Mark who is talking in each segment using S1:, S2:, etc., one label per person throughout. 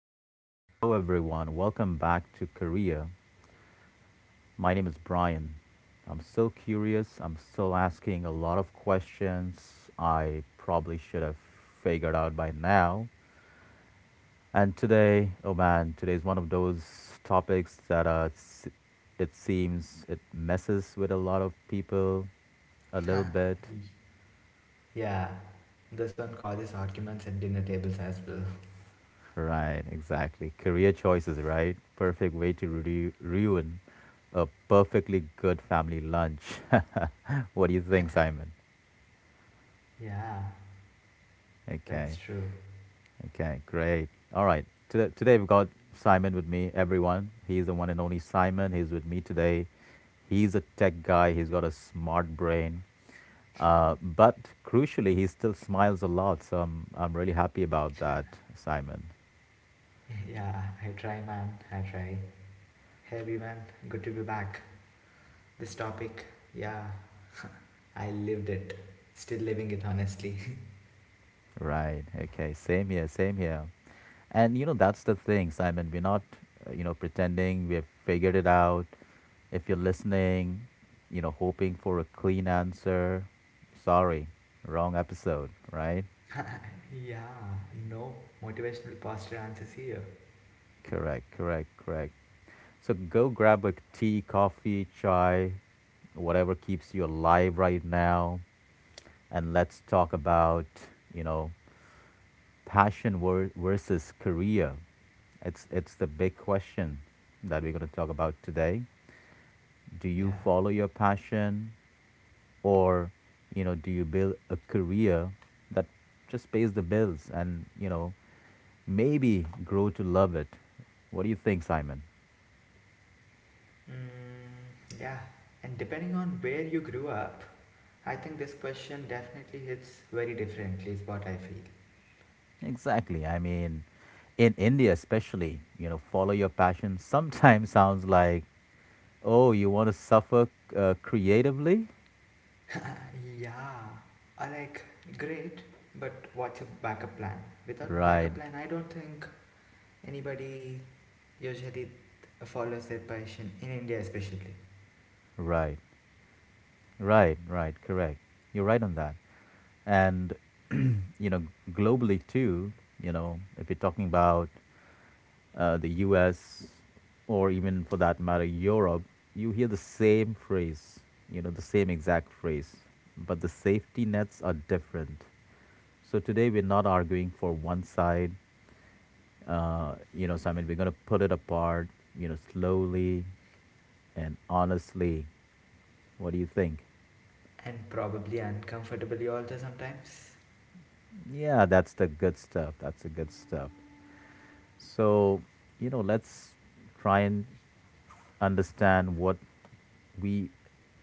S1: Okay. Hello, everyone. Welcome back to Korea. My name is Brian. I'm still curious. I'm still asking a lot of questions I probably should have figured out by now. And today, oh man, today is one of those topics that it seems it messes with a lot of people a little bit.
S2: Yeah, this one causes arguments at dinner tables as well.
S1: Right, exactly. Career choices, right? Perfect way to ruin a perfectly good family lunch. What do you think, Simon?
S2: Yeah, that's
S1: Okay,
S2: true.
S1: okay, great. All right, today, today we've got Simon with me, everyone. He's the one and only Simon. He's with me today. He's a tech guy, he's got a smart brain. But crucially, he still smiles a lot, so I'm really happy about that, Simon.
S2: Yeah, I try, man. I try. Hey, everyone, good to be back. This topic, yeah, I lived it. Still living it, honestly.
S1: Right, okay, same here, same here. And you know, that's the thing, Simon. We're not, you know, pretending we have figured it out. If you're listening, you know, hoping for a clean answer, sorry, wrong episode, right?
S2: yeah, no motivational posture answers here.
S1: Correct, correct, correct. So go grab a tea, coffee, chai, whatever keeps you alive right now, and let's talk about, you know, passion versus career. It's the big question that we're going to talk about today. Do you
S2: Yeah.
S1: follow your passion, or you know, do you build a career that just pays the bills and you know, maybe grow to love it? What do you think, Simon?
S2: Yeah, and depending on where you grew up, I think this question definitely hits very differently, is what I feel.
S1: Exactly. I mean, in India especially, you know, follow your passion sometimes sounds like, oh, you want to suffer creatively.
S2: Yeah, I like great, but what's a backup plan? Without
S1: Right,
S2: backup plan, I don't think anybody usually follows their passion in India, especially,
S1: right. Right, right, correct. You're right on that. And, you know, globally too, you know, if you're talking about the US, or even for that matter, Europe, you hear the same phrase, you know, the same exact phrase, but the safety nets are different. So today we're not arguing for one side, you know, so I mean, we're going to put it apart, you know, slowly and honestly. What do you think?
S2: and probably uncomfortably also sometimes.
S1: Yeah, that's the good stuff. That's the good stuff. So, you know, let's try and understand what we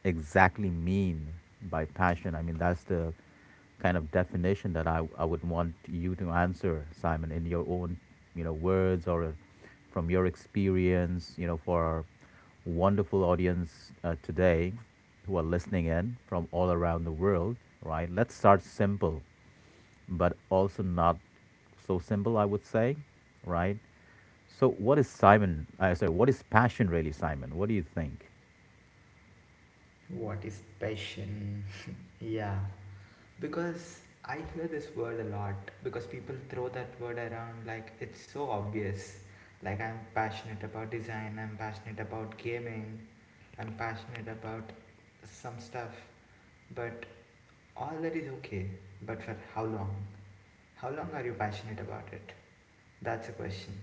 S1: exactly mean by passion. I mean, that's the kind of definition that I would want you to answer, Simon, in your own, you know, words or from your experience, you know, for our wonderful audience today, who are listening in from all around the world, right? Let's start simple but also not so simple, I would say, right? So, what is Simon? I sorry, what is passion really, Simon? What do you think?
S2: What is passion? yeah, because I hear this word a lot because people throw that word around like it's so obvious. Like I'm passionate about design, I'm passionate about gaming, I'm passionate about some stuff, but all that is okay. But for how long? How long are you passionate about it? That's a question.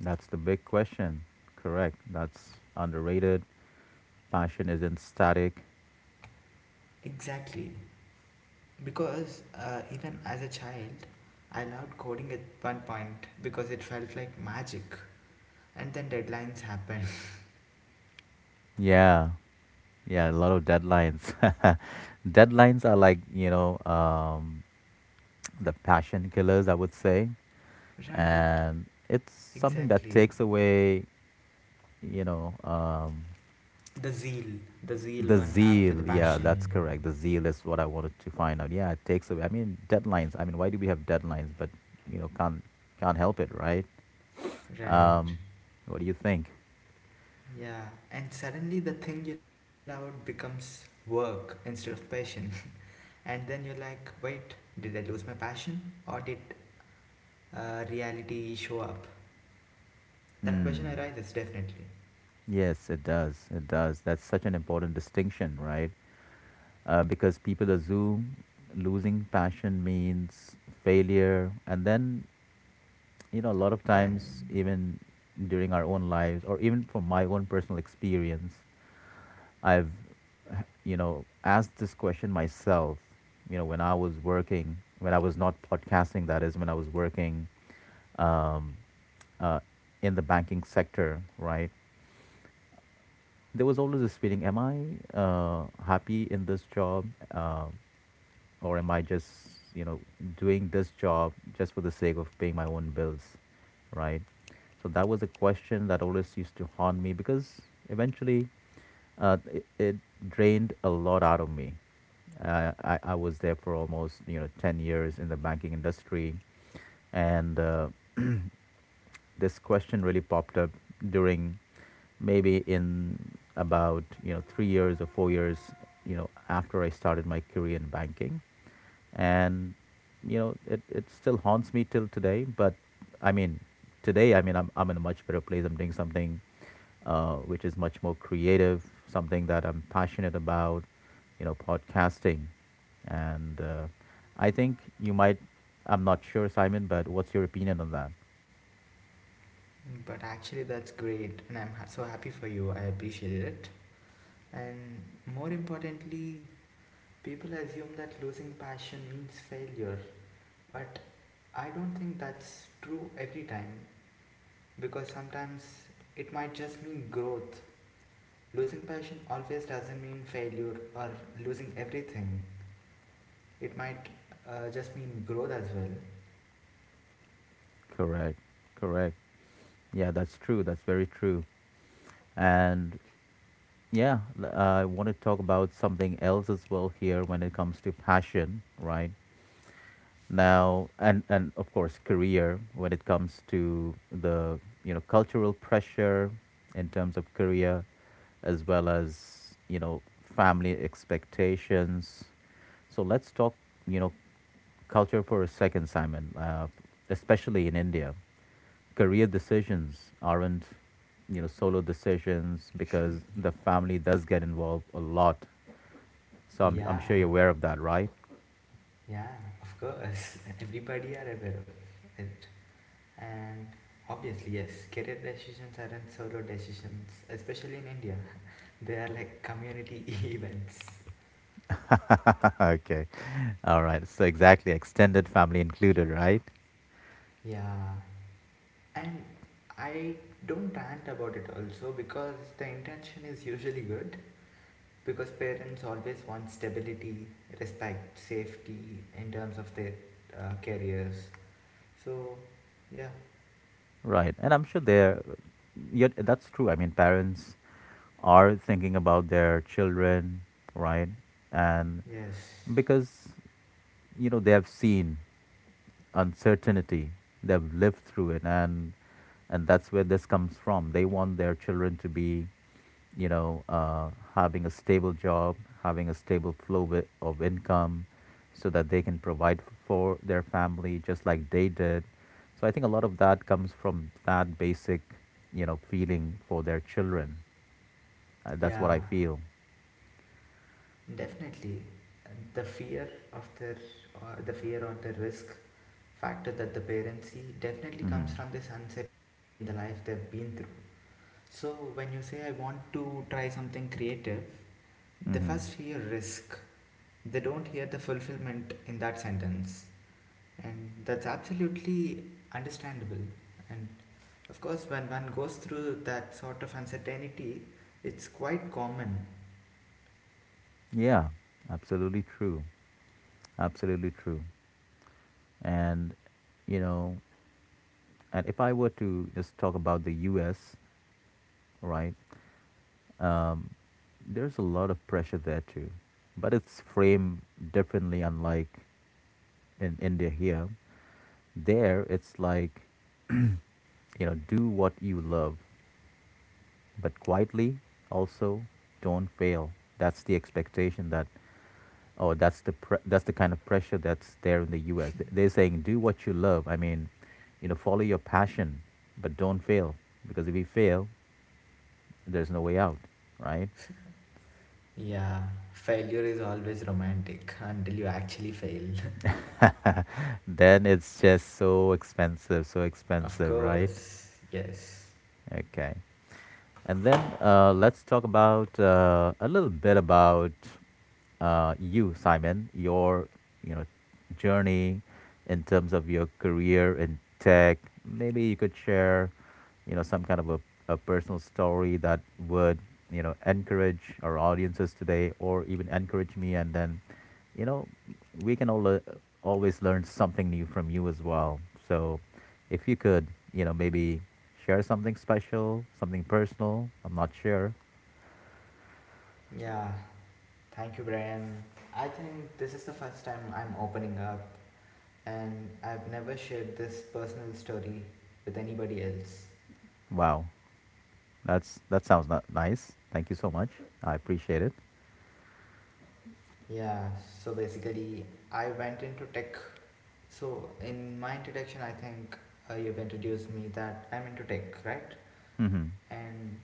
S1: That's the big question. Correct. That's underrated. Passion isn't static.
S2: Exactly. Because even as a child, I loved coding at one point because it felt like magic. And then deadlines happened.
S1: Yeah. Yeah, a lot of deadlines. Deadlines are like, you know, the passion killers, I would say.
S2: Right,
S1: And it's something that
S2: exactly.
S1: takes away, you know,
S2: The zeal, the zeal
S1: the
S2: one have for
S1: zeal,
S2: the
S1: yeah, that's
S2: passion.
S1: correct. The zeal is what I wanted to find out. Yeah, it takes away. I mean, deadlines. I mean, why do we have deadlines? But you know, can't help it, right? Um,
S2: Right.
S1: what do you think?
S2: Yeah, and suddenly the thing you loved becomes work instead of passion. and then you're like, wait, did I lose my passion or did reality show up? That question
S1: Hmm.
S2: arises definitely.
S1: Yes, it does. It does. That's such an important distinction, right? Because people assume losing passion means failure, and then you know, a lot of times,
S2: When,
S1: even during our own lives, or even from my own personal experience, I've, you know, asked this question myself, you know, when I was working, when I was not podcasting, that is, when I was working um, uh, in the banking sector, right? There was always this feeling, am I happy in this job? Or am I just, you know, doing this job just for the sake of paying my own bills, right? So that was a question that always used to haunt me because eventually it drained a lot out of me. I was there for almost you know 10 years in the banking industry and this question really popped up during maybe in about you know 3 years or 4 years you know after I started my career in banking, and you know it still haunts me till today. But I mean today I mean I'm in a much better place. I'm doing something which is much more creative, something that I'm passionate about, you know, podcasting. And I think you might, I'm not sure, Simon, but what's your opinion on that?
S2: but actually, that's great, and I'm so happy for you. I appreciate it. And more importantly, people assume that losing passion means failure. But I don't think that's true every time, because sometimes it might just mean growth. Losing passion always doesn't mean failure or losing everything, it might just mean growth as well.
S1: Correct, correct. Yeah, that's true, that's very true. And I want to talk about something else as well here when it comes to passion right now. And of course career, when it comes to the you know cultural pressure in terms of career as well as you know family expectations. So let's talk, you know, culture for a second, Simon. Especially in India, career decisions aren't you know solo decisions because the family does get involved a lot. So I'm sure
S2: Yeah,
S1: you're aware of that, right?
S2: yeah, of course. Everybody are aware of it. And obviously, yes, career decisions aren't solo decisions, especially in India. They are like community events.
S1: Okay. All right. So exactly, extended family included, right?
S2: Yeah, and I don't rant about it also because the intention is usually good because parents always want stability, respect, safety in terms of their careers. So, yeah,
S1: Right. And I'm sure they're, yet that's true. I mean, parents are thinking about their children, right? And
S2: yes,
S1: because, you know, they have seen uncertainty. They've lived through it, and that's where this comes from. They want their children to be, you know, having a stable job, having a stable of income, so that they can for their family just like they did. So I think a lot of that comes from that basic, you know, feeling for their children. That's what
S2: yeah,
S1: I feel.
S2: definitely. The fear of their, the fear or the risk factor that the parents see definitely
S1: Mm-hmm.
S2: comes from this uncertainty in the life they've been through. So, when you say I want to try something creative, they
S1: Mm-hmm.
S2: first hear risk, they don't hear the fulfillment in that sentence. And that's absolutely understandable. And of course, when one goes through that sort of uncertainty, it's quite common.
S1: Yeah, absolutely true. Absolutely true. And you know, and if I were to just talk about the US, right, um, there's a lot of pressure there too, but it's framed differently. Unlike in India, here there it's like you know do what you love, but quietly, also don't fail. That's the expectation. That That's the kind of pressure that's there in the U.S. They're saying do what you love. I mean, you know, follow your passion, but don't fail, because if you fail, there's no way out, right?
S2: Yeah, failure is always romantic until you actually fail.
S1: Then it's just so
S2: of
S1: expensive, right?
S2: course, yes.
S1: Okay. And then let's talk about a little bit about you, Simon, your you know journey in terms of your career in tech. Maybe you could share, you know, some kind of a personal story that would you know encourage our audiences today, or even encourage me, and then you know we can always learn something new from you as well. So if you could, you know, maybe share something special, something personal. I'm not sure.
S2: Yeah, thank you, Brian. I think this is the first time I'm opening up, and I've never shared this personal story with anybody else.
S1: Wow, that's that sounds not nice. Thank you so much. I appreciate it.
S2: Yeah, so basically, I went into tech. So, in my introduction, I think you've introduced me that I'm into tech, right?
S1: Hmm.
S2: And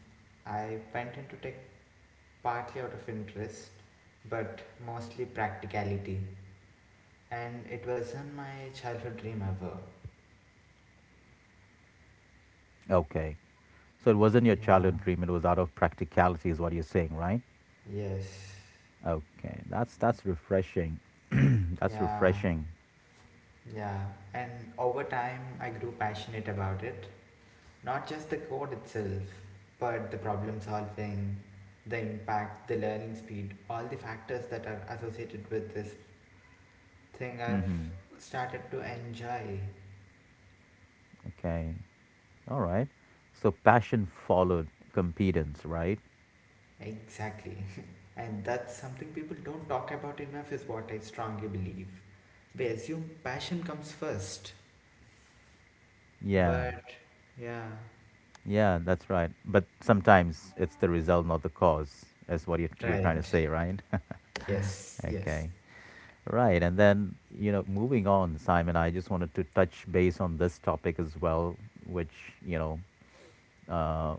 S2: I went into tech partly out of interest, but mostly practicality. And it wasn't my childhood dream ever.
S1: Okay, so it wasn't your
S2: Yeah,
S1: childhood dream. It was out of practicality, is what you're saying, right?
S2: yes,
S1: Okay, that's refreshing. That's
S2: yeah,
S1: refreshing.
S2: yeah. And over time, I grew passionate about it. Not just the code itself, but the problem solving, the impact, the learning speed, all the factors that are associated with this thing I've
S1: Hmm.
S2: started to enjoy.
S1: Okay, all right. So passion followed competence, right?
S2: Exactly. and that's something people don't talk about enough, is what I strongly believe. We assume passion comes first,
S1: Yeah.
S2: but yeah.
S1: Yeah, that's right. But sometimes it's the result, not the cause, is what you're trying to
S2: Right.
S1: say, right?
S2: Yes, yes.
S1: Okay. Right. And then, you know, moving on, Simon, I just wanted to touch base on this topic as well, which, you know, uh,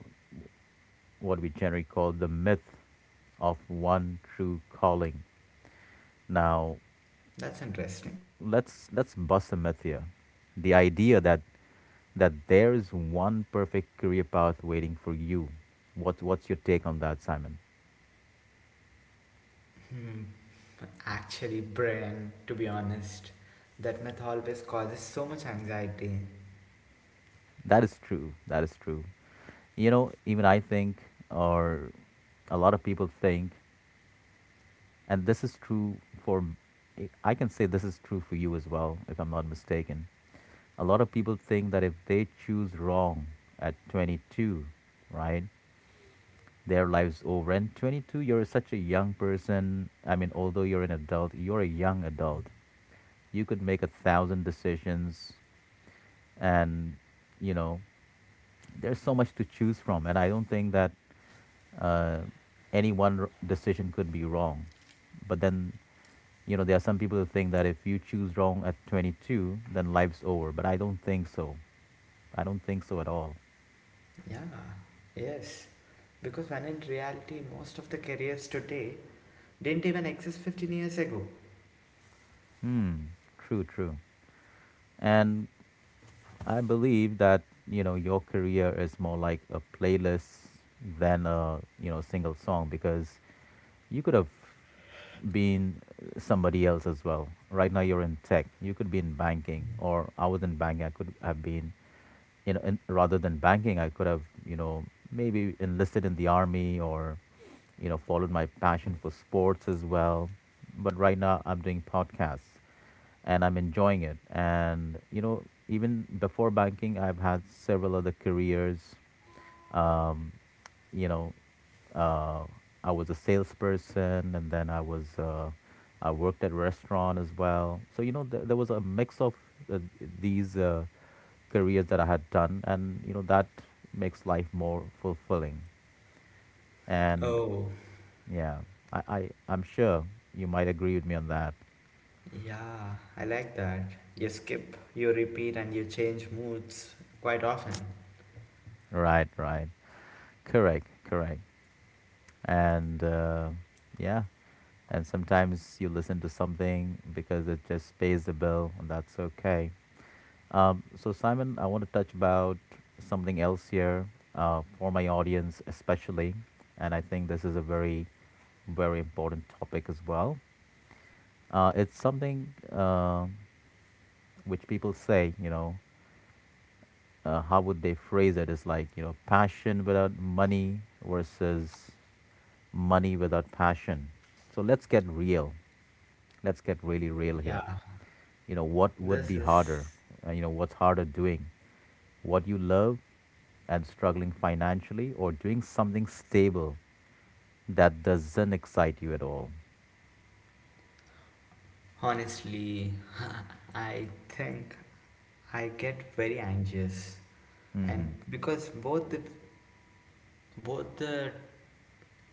S1: what we generally call the myth of one true calling. Now,
S2: That's interesting.
S1: let's bust a myth here. The idea that there is one perfect career path waiting for you. What what's your take on that, Simon?
S2: Hmm. Actually, brilliant, to be honest. That myth always causes so much anxiety.
S1: That is true. That is true. You know, even I think, or a lot of people think, and this is true for. I can say this is true for you as well, if I'm not mistaken. A lot of people think that if they choose wrong at 22, right? Their lives over. And 22, you're such a young person. I mean, although you're an adult, you're a young adult. You could make a thousand decisions, and you know, there's so much to choose from. And I don't think that uh, any one decision could be wrong. But then, you know, there are some people who think that if you choose wrong at 22, then life's over. But I don't think so. I don't think so at all.
S2: Yeah, yes. Because when in reality, most of the careers today didn't even exist 15 years ago.
S1: Hmm. True, true. And I believe that you know your career is more like a playlist than a you know single song, because you could have been somebody else as well. Right now you're in tech. You could be in banking, or I was in banking. I could have been, you know, in, rather than banking, I could have you know maybe enlisted in the army, or you know followed my passion for sports as well. But right now I'm doing podcasts and I'm enjoying it. And you know, even before banking, I've had several other careers. Um, you know, uh, I was a salesperson, and then I was I worked at restaurant as well. So there was a mix of uh, these careers that I had done, and you know that makes life more fulfilling. And
S2: Oh,
S1: yeah, I'm sure you might agree with me on that.
S2: yeah, I like that. You skip, you repeat, and you change moods quite often.
S1: Right, right, correct, correct. And yeah, and sometimes you listen to something because it just pays the bill and that's okay. So Simon, I want to touch about something else here, for my audience especially. And I think this is a very important topic as well. It's something which people say, you know, how would they phrase it? It's like, you know, passion without money versus money without passion. So let's get real. Let's get really
S2: Yeah,
S1: real here. You know, what would
S2: this
S1: be
S2: is
S1: harder? You know, what's harder doing? What you love and struggling financially, or doing something stable that doesn't excite you at all?
S2: honestly, I think I get very anxious. And
S1: Mm-hmm.
S2: because both the both the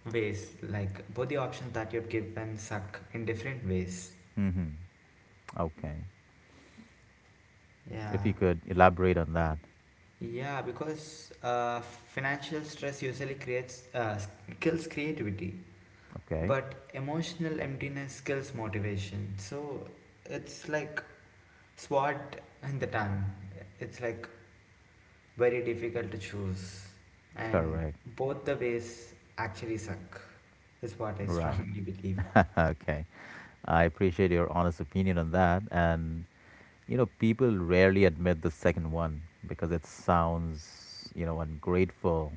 S2: ways, like both the options that you've given suck in different ways,
S1: Mm-hmm. Okay. If
S2: yeah,
S1: you could elaborate on that.
S2: yeah, because financial stress usually creates kills creativity,
S1: Okay.
S2: but emotional emptiness kills motivation. So it's like SWOT in the time, it's like very difficult to choose, and
S1: Correct.
S2: both the ways actually suck is what I
S1: Right.
S2: strongly believe.
S1: Okay. I appreciate your honest opinion on that. And, you know, people rarely admit the second one because it sounds, you know, ungrateful,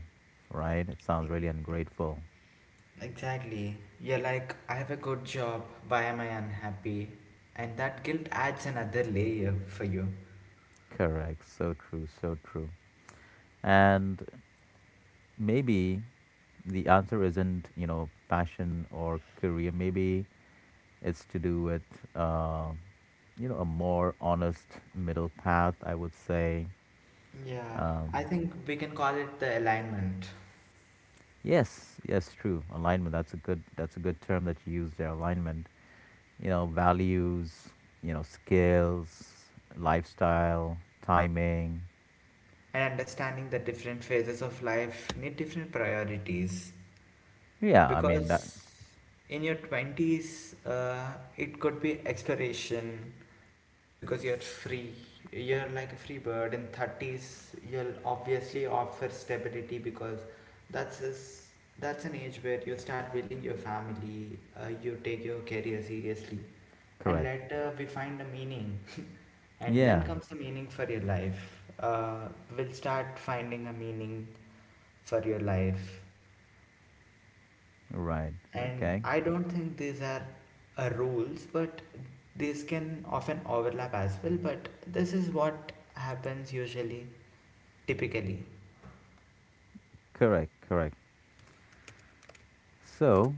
S1: right? It sounds really ungrateful.
S2: Exactly. You're like, I have a good job, why am I unhappy? And that guilt adds another layer for you.
S1: Correct. So true. So true. And maybe the answer isn't, you know, passion or career. Maybe it's to do with, uh, you know, a more honest middle path, I would say.
S2: Yeah,
S1: Um,
S2: I think we can call it the alignment
S1: Yes, yes, true. Alignment. That's a good. That's a good term that you use there. Alignment. You know, values. You know, skills, lifestyle, timing.
S2: and understanding that different phases of life need different priorities.
S1: Yeah, I mean that.
S2: Because in your 20s, it could be exploration, because you're free, you're like a free bird. In 30s you'll obviously offer stability because that's is that's an age where you start building your family, you take your career seriously, and
S1: Correct.
S2: later we find a meaning. and then
S1: Yeah.
S2: comes the meaning for your life, we'll start finding a meaning for your life.
S1: Right.
S2: And
S1: Okay.
S2: I don't think these are rules, but these can often overlap as well. But this is what happens usually, typically.
S1: Correct. Correct. So,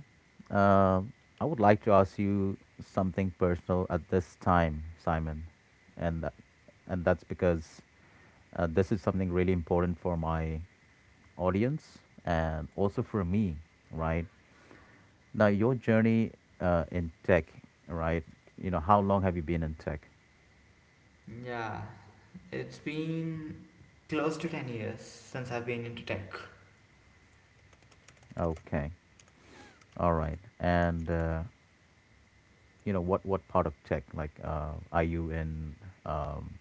S1: um, I would like to ask you something personal at this time, Simon, and tha- and that's because this is something really important for my audience and also for me, right? Now, your journey in tech, right? You know, how long have you been in tech?
S2: Yeah, it's been close to 10 years since I've been into tech.
S1: Okay, all right. And you know, what part of tech? Like, are you in, um,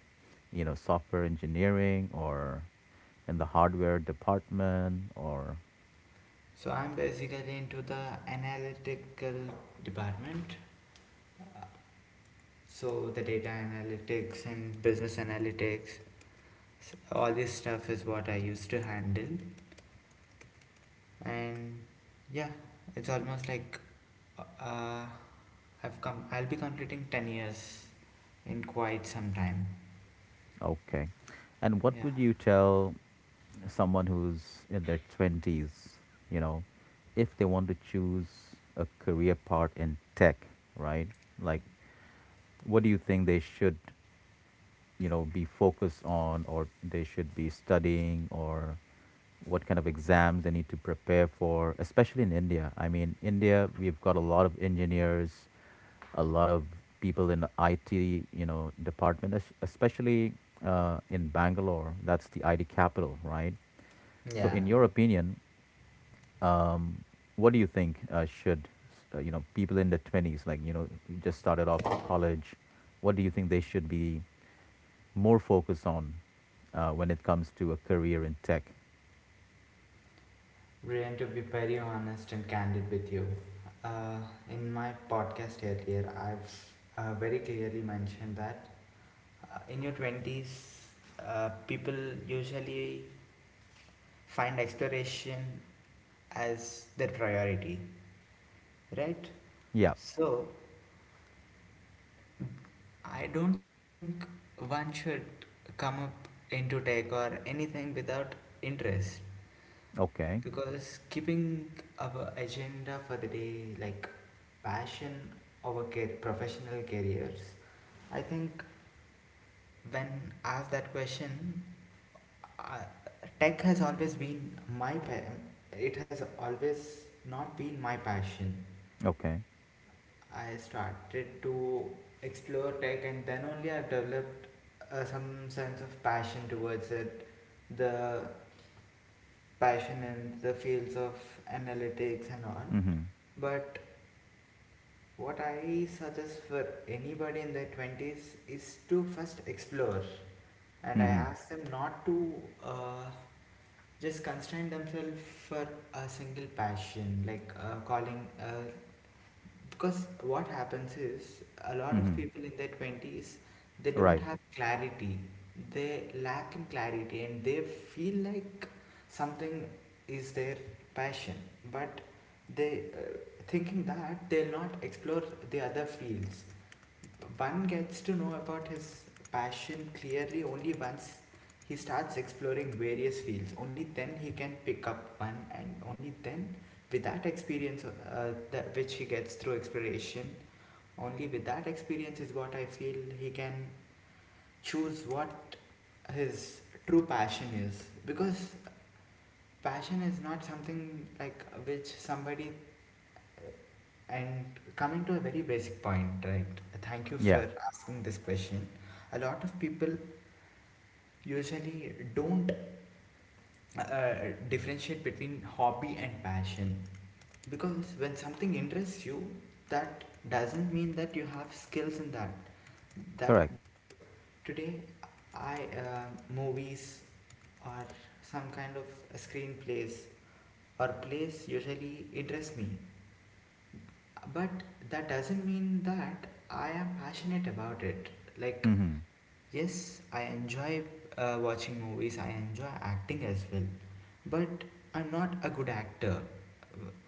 S1: you know, software engineering or in the hardware department or?
S2: So I'm basically into the analytical department. So the data analytics and business analytics, all this stuff is what I used to handle. And yeah, it's almost like uh, I've come, I'll be completing 10 years in quite some time.
S1: Okay. And what
S2: Yeah,
S1: would you tell someone who's in their 20s, you know, if they want to choose a career path in tech, right? Like, what do you think they should, you know, be focused on, or they should be studying, or what kind of exams they need to prepare for, especially in India? I mean, India, we've got a lot of engineers, a lot of people in the IT, you know, department, especially in Bangalore. That's the IT capital, right? So
S2: yeah.
S1: in your opinion, um, what do you think should, you know, people in the 20s, like, you know, you just started off college, what do you think they should be more focus on, when it comes to a career in tech?
S2: Brian, to be very honest and candid with you, uh, in my podcast earlier I've very clearly mentioned that in your 20s, people usually find exploration as their priority, right?
S1: Yeah.
S2: So I don't think one should come up into tech or anything without interest,
S1: Okay.
S2: because keeping our agenda for the day like passion over professional careers, I think when asked that question, uh, tech has always been my it has always not been my passion.
S1: Okay.
S2: I started to explore tech and then only I've developed some sense of passion towards it. The passion in the fields of analytics and on.
S1: Mm-hmm.
S2: But what I suggest for anybody in their 20s is to first explore. And I
S1: Mm-hmm.
S2: ask them not to uh, just constrain themselves for a single passion, like calling, because what happens is a lot of
S1: Mm-hmm.
S2: people in their 20s, they don't
S1: Right.
S2: have clarity, they lack in clarity, and they feel like something is their passion, but they thinking that they'll not explore the other fields. One gets to know about his passion clearly only once he starts exploring various fields. Only then he can pick up one, and only then, with that experience, that which he gets through exploration, only with that experience is what I feel he can choose what his true passion is. Because passion is not something like which somebody. And coming to a very basic point, right? Thank you
S1: Yeah.
S2: for asking this question. A lot of people usually don't uh, differentiate between hobby and passion, because when something interests you, that doesn't mean that you have skills in that. That
S1: Correct.
S2: because today, I movies or some kind of screenplays or plays usually interest me. But that doesn't mean that I am passionate about it. Like,
S1: Mm-hmm.
S2: yes, I enjoy watching movies, I enjoy acting as well. But I'm not a good actor.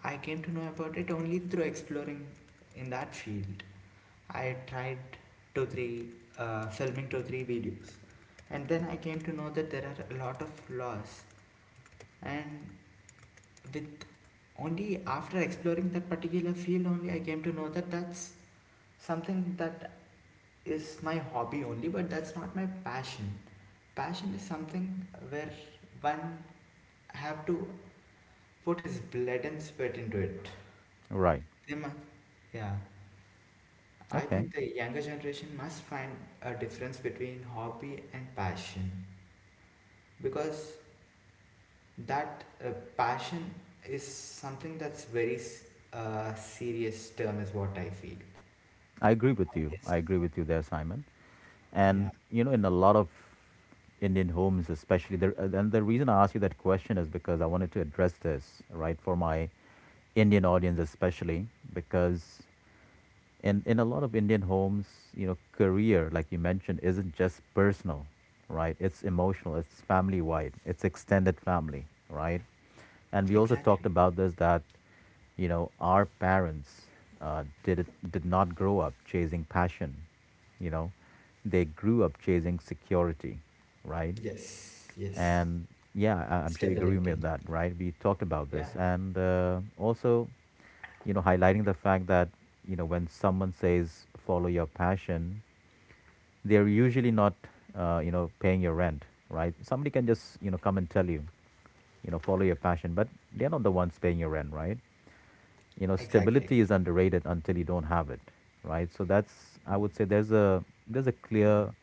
S2: I came to know about it only through exploring in that field. I tried two, three, filming two, three videos. And then I came to know that there are a lot of flaws. And with only after exploring that particular field, only I came to know that that's something that is my hobby only, but that's not my passion. Passion is something where one have to put his blood and sweat into it.
S1: Right.
S2: They must, yeah, I
S1: Okay.
S2: think the younger generation must find a difference between hobby and passion, because that passion is something that's very serious term is what I feel.
S1: I agree with you.
S2: Yes.
S1: I agree with you there, Simon.
S2: Yeah.
S1: And you know, in a lot of Indian homes, especially there, and the reason I asked you that question is because I wanted to address this, right, for my Indian audience, especially. Because and in a lot of Indian homes, you know, career, like you mentioned, isn't just personal, right? It's emotional, it's family wide, it's extended family, right? And we also talked
S2: Exactly.
S1: about this, that, you know, our parents did not grow up chasing passion, you know, they grew up chasing security, right?
S2: Yes, yes.
S1: And yeah, I'm sure you agree
S2: Stability.
S1: with that, right? We talked about
S2: Yeah.
S1: this. And also, you know, highlighting the fact that, you know, when someone says follow your passion, they're usually not, you know, paying your rent, right? Somebody can just, you know, come and tell you, you know, follow your passion, but they're not the ones paying your rent, right? You know,
S2: Exactly.
S1: stability is underrated until you don't have it, right? So that's, I would say, there's a clear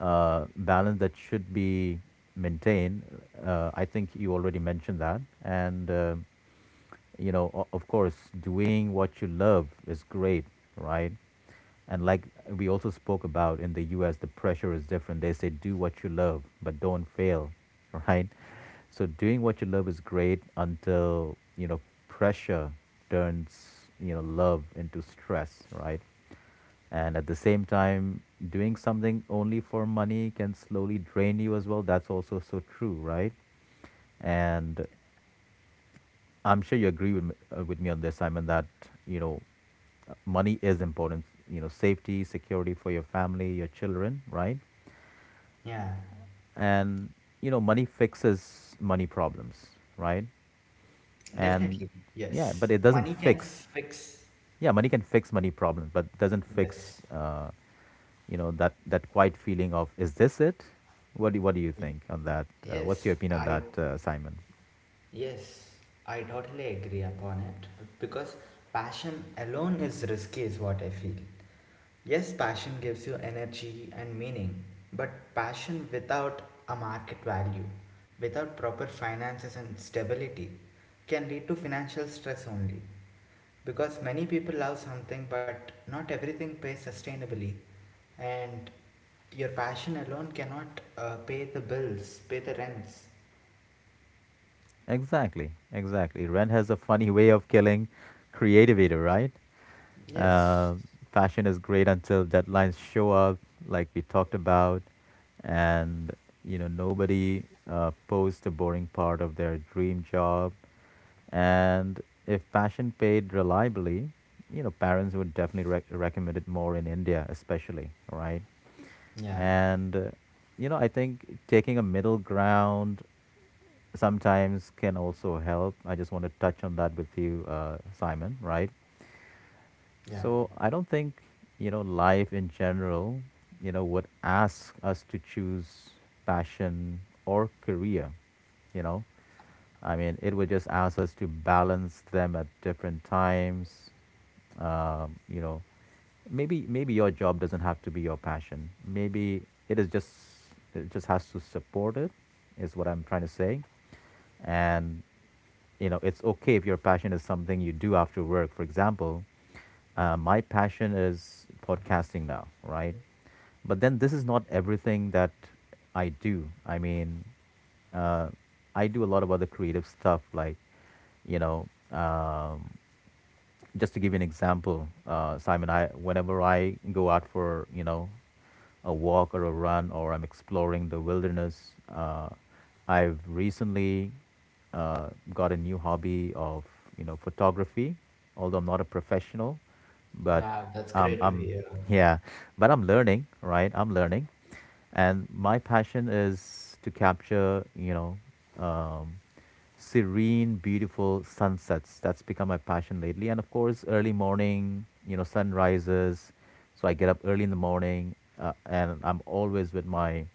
S1: balance that should be maintained. I think you already mentioned that, and you know, of course, doing what you love is great, right? And like we also spoke about, in the U.S., the pressure is different. They say do what you love, but don't fail, right? So doing what you love is great until, you know, pressure turns, you know, love into stress, right? And at the same time, doing something only for money can slowly drain you as well. That's also so true, right? And I'm sure you agree with me, with me on this, Simon, that, you know, money is important. You know, safety, security for your family, your children, right?
S2: Yeah.
S1: And, you know, money fixes money problems, right? And
S2: Definitely.
S1: yeah, but
S2: Yes.
S1: it doesn't
S2: Money can
S1: fix,
S2: fix.
S1: yeah, money can fix money problems, but doesn't
S2: Yes.
S1: fix, you know, that that quiet feeling of, is this it? What do you think on that? What's your
S2: Yes,
S1: opinion on
S2: I,
S1: that, Simon?
S2: yes, I totally agree upon it, because passion alone is risky, is what I feel. Yes, passion gives you energy and meaning, but passion without a market value, without proper finances and stability, can lead to financial stress only. Because many people love something, but not everything pays sustainably, and your passion alone cannot pay the bills, pay the rents.
S1: Exactly, exactly. Rent has a funny way of killing creativity, right?
S2: Yes.
S1: uh, Fashion is great until deadlines show up, like we talked about. And you know, nobody posts the boring part of their dream job. And if passion paid reliably, you know, parents would definitely recommend it more, in India especially, right?
S2: Yeah,
S1: And, you know, I think taking a middle ground sometimes can also help. I just want to touch on that with you, Simon, right?
S2: yeah.
S1: So I don't think, you know, life in general, you know, would ask us to choose passion or career, you know. I mean, it would just ask us to balance them at different times. You know, maybe your job doesn't have to be your passion. Maybe it is just, it just has to support it, is what I'm trying to say. And you know, it's okay if your passion is something you do after work. For example, my passion is podcasting now, right? But then this is not everything that I do. I mean, uh, I do a lot of other creative stuff, like, you know, just to give you an example, Simon, I whenever I go out for, you know, a walk or a run, or I'm exploring the wilderness, I've recently got a new hobby of, you know, photography. Although I'm not a professional, but
S2: Wow, that's great to
S1: I'm
S2: hear.
S1: yeah, but I'm learning, right? I'm learning, and my passion is to capture, you know, um, serene, beautiful sunsets. That's become my passion lately. And of course, early morning, you know, sunrises. So I get up early in the morning, and I'm always with my,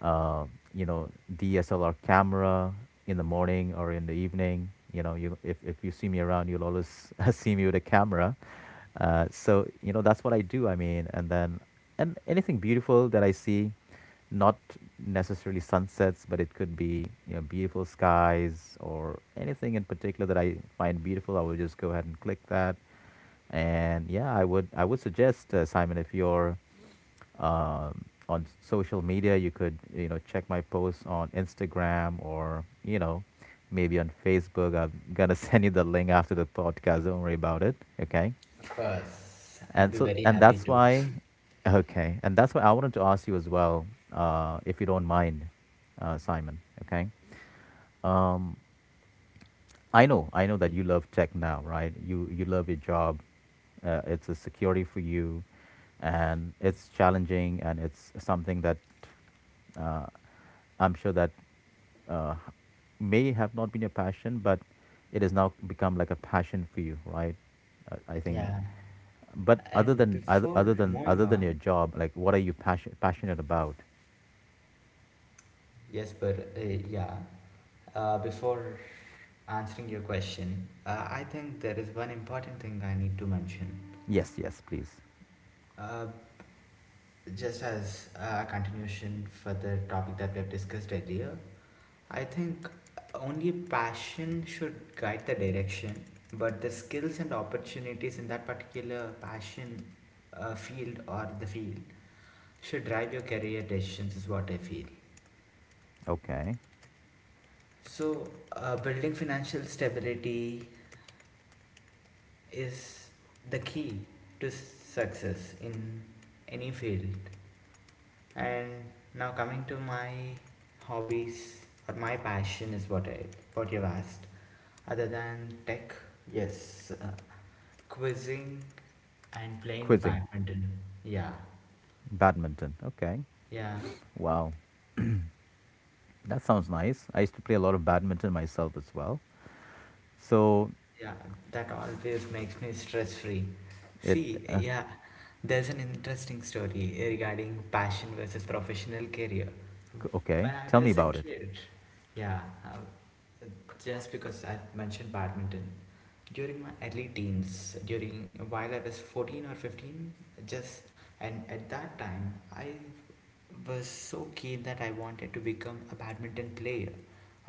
S1: uh, you know, DSLR camera in the morning or in the evening. You know, you if you see me around, you'll always see me with a camera. So you know that's what I do. I mean, and then, and anything beautiful that I see, not necessarily sunsets, but it could be, you know, beautiful skies or anything in particular that I find beautiful, I will just go ahead and click that. And yeah, I would suggest, Simon, if you're, on social media, you could, you know, check my posts on Instagram or, you know, maybe on Facebook. I'm gonna send you the link after the podcast. Don't worry about it. Okay.
S2: Of course, I'll
S1: And
S2: be
S1: so,
S2: very
S1: and
S2: happy
S1: that's
S2: too.
S1: why, okay, and that's why I wanted to ask you as well, if you don't mind, Simon. Okay. Um, I know that you love tech now, right? You love your job. It's a security for you, and it's challenging, and it's something that, uh, I'm sure that, uh, may have not been your passion, but it has now become like a passion for you, right? I think.
S2: Yeah.
S1: But other
S2: And
S1: than other
S2: before
S1: other than
S2: moving
S1: other than your
S2: on,
S1: job, like what are you passionate about?
S2: yes, but yeah, before answering your question, I think there is one important thing I need to mention.
S1: Yes, yes, please.
S2: Uh, just as a continuation for the topic that we have discussed earlier, I think only passion should guide the direction, but the skills and opportunities in that particular passion field or the field should drive your career decisions, is what I feel.
S1: Okay,
S2: So, building financial stability is the key to success in any field. And now coming to my hobbies or my passion is what I what you've asked. Other than tech, yes, quizzing and playing
S1: quizzing,
S2: badminton. Yeah,
S1: badminton. Okay,
S2: yeah.
S1: wow. That sounds nice. I used to play a lot of badminton myself as well. So
S2: Yeah, that always makes me stress free.
S1: it
S2: See,
S1: uh,
S2: yeah, there's an interesting story regarding passion versus professional career.
S1: okay.
S2: When I
S1: Tell me
S2: was a
S1: about it.
S2: kid, yeah, just because I mentioned badminton, during my early teens, during while I was 14 or 15, just and at that time, I was so keen that I wanted to become a badminton player.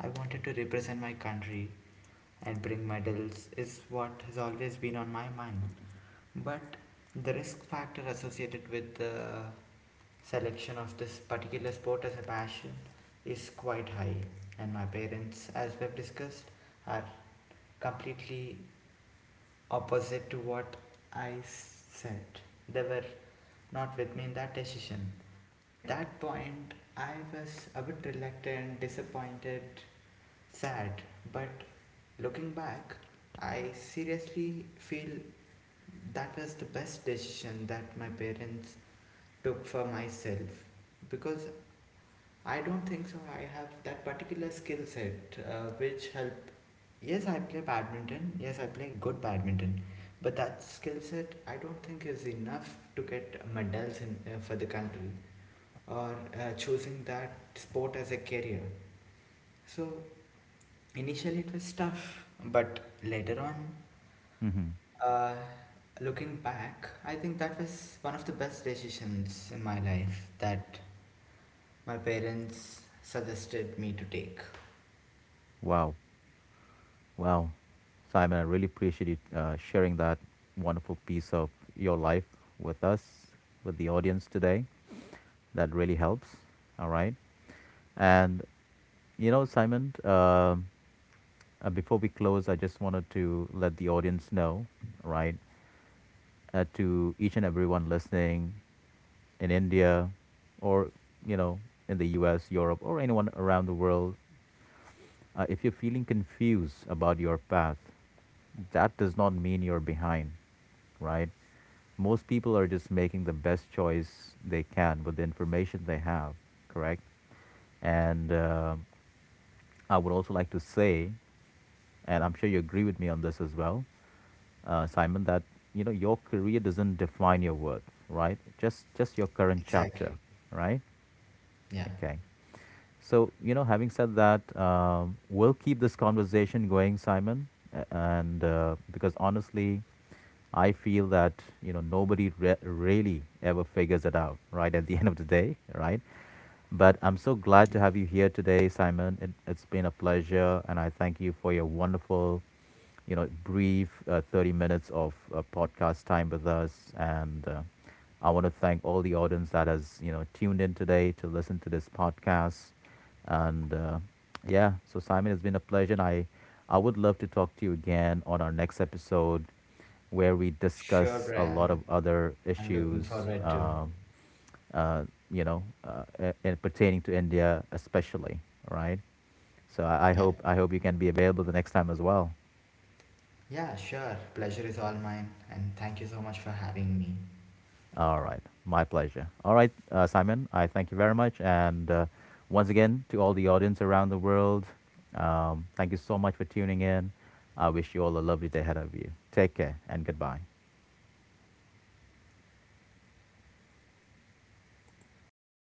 S2: I wanted to represent my country and bring medals is what has always been on my mind. But the risk factor associated with the selection of this particular sport as a passion is quite high, and my parents, as we've discussed, are completely opposite to what I said. They were not with me in that decision. At that point, I was a bit reluctant, disappointed, sad, but looking back, I seriously feel that was the best decision that my parents took for myself, because I don't think so. I have that particular skill set which help. Yes, I play badminton. Yes, I play good badminton. But that skill set, I don't think is enough to get medals in for the country or choosing that sport as a career. So initially it was tough, but later on,
S1: Hmm.
S2: uh, looking back, I think that was one of the best decisions in my life that my parents suggested me to take.
S1: Wow, wow, Simon. I really appreciate you sharing that wonderful piece of your life with us, with the audience today. That really helps. All right, and you know, Simon. Before we close, I just wanted to let the audience know, right? To each and everyone listening in India, or, you know, in the US, Europe, or anyone around the world. If you're feeling confused about your path, that does not mean you're behind, right? Most people are just making the best choice they can with the information they have, correct? And I would also like to say, and I'm sure you agree with me on this as well, Simon, that you know your career doesn't define your worth, right? Just your current chapter,
S2: Exactly.
S1: right?
S2: Yeah.
S1: Okay. So you know, having said that, we'll keep this conversation going, Simon, a- and because honestly, I feel that you know nobody really ever figures it out, right? At the end of the day, right? But I'm so glad to have you here today, Simon. It's been a pleasure, and I thank you for your wonderful, you know, brief 30 minutes of podcast time with us. And I want to thank all the audience that has, you know, tuned in today to listen to this podcast. And yeah, so Simon, it's been a pleasure. And I would love to talk to you again on our next episode where we
S2: Sure,
S1: discuss a lot
S2: Brian.
S1: of other
S2: I'm looking
S1: issues.
S2: forward to.
S1: Uh, you know, and pertaining to India especially, right? So
S2: Yeah.
S1: I hope you can be available the next time as well.
S2: Yeah, sure. Pleasure is all mine, and thank you so much for having me.
S1: All right, my pleasure. All right, Simon, I thank you very much, and once again to all the audience around the world, thank you so much for tuning in. I wish you all a lovely day ahead of you. Take care and goodbye.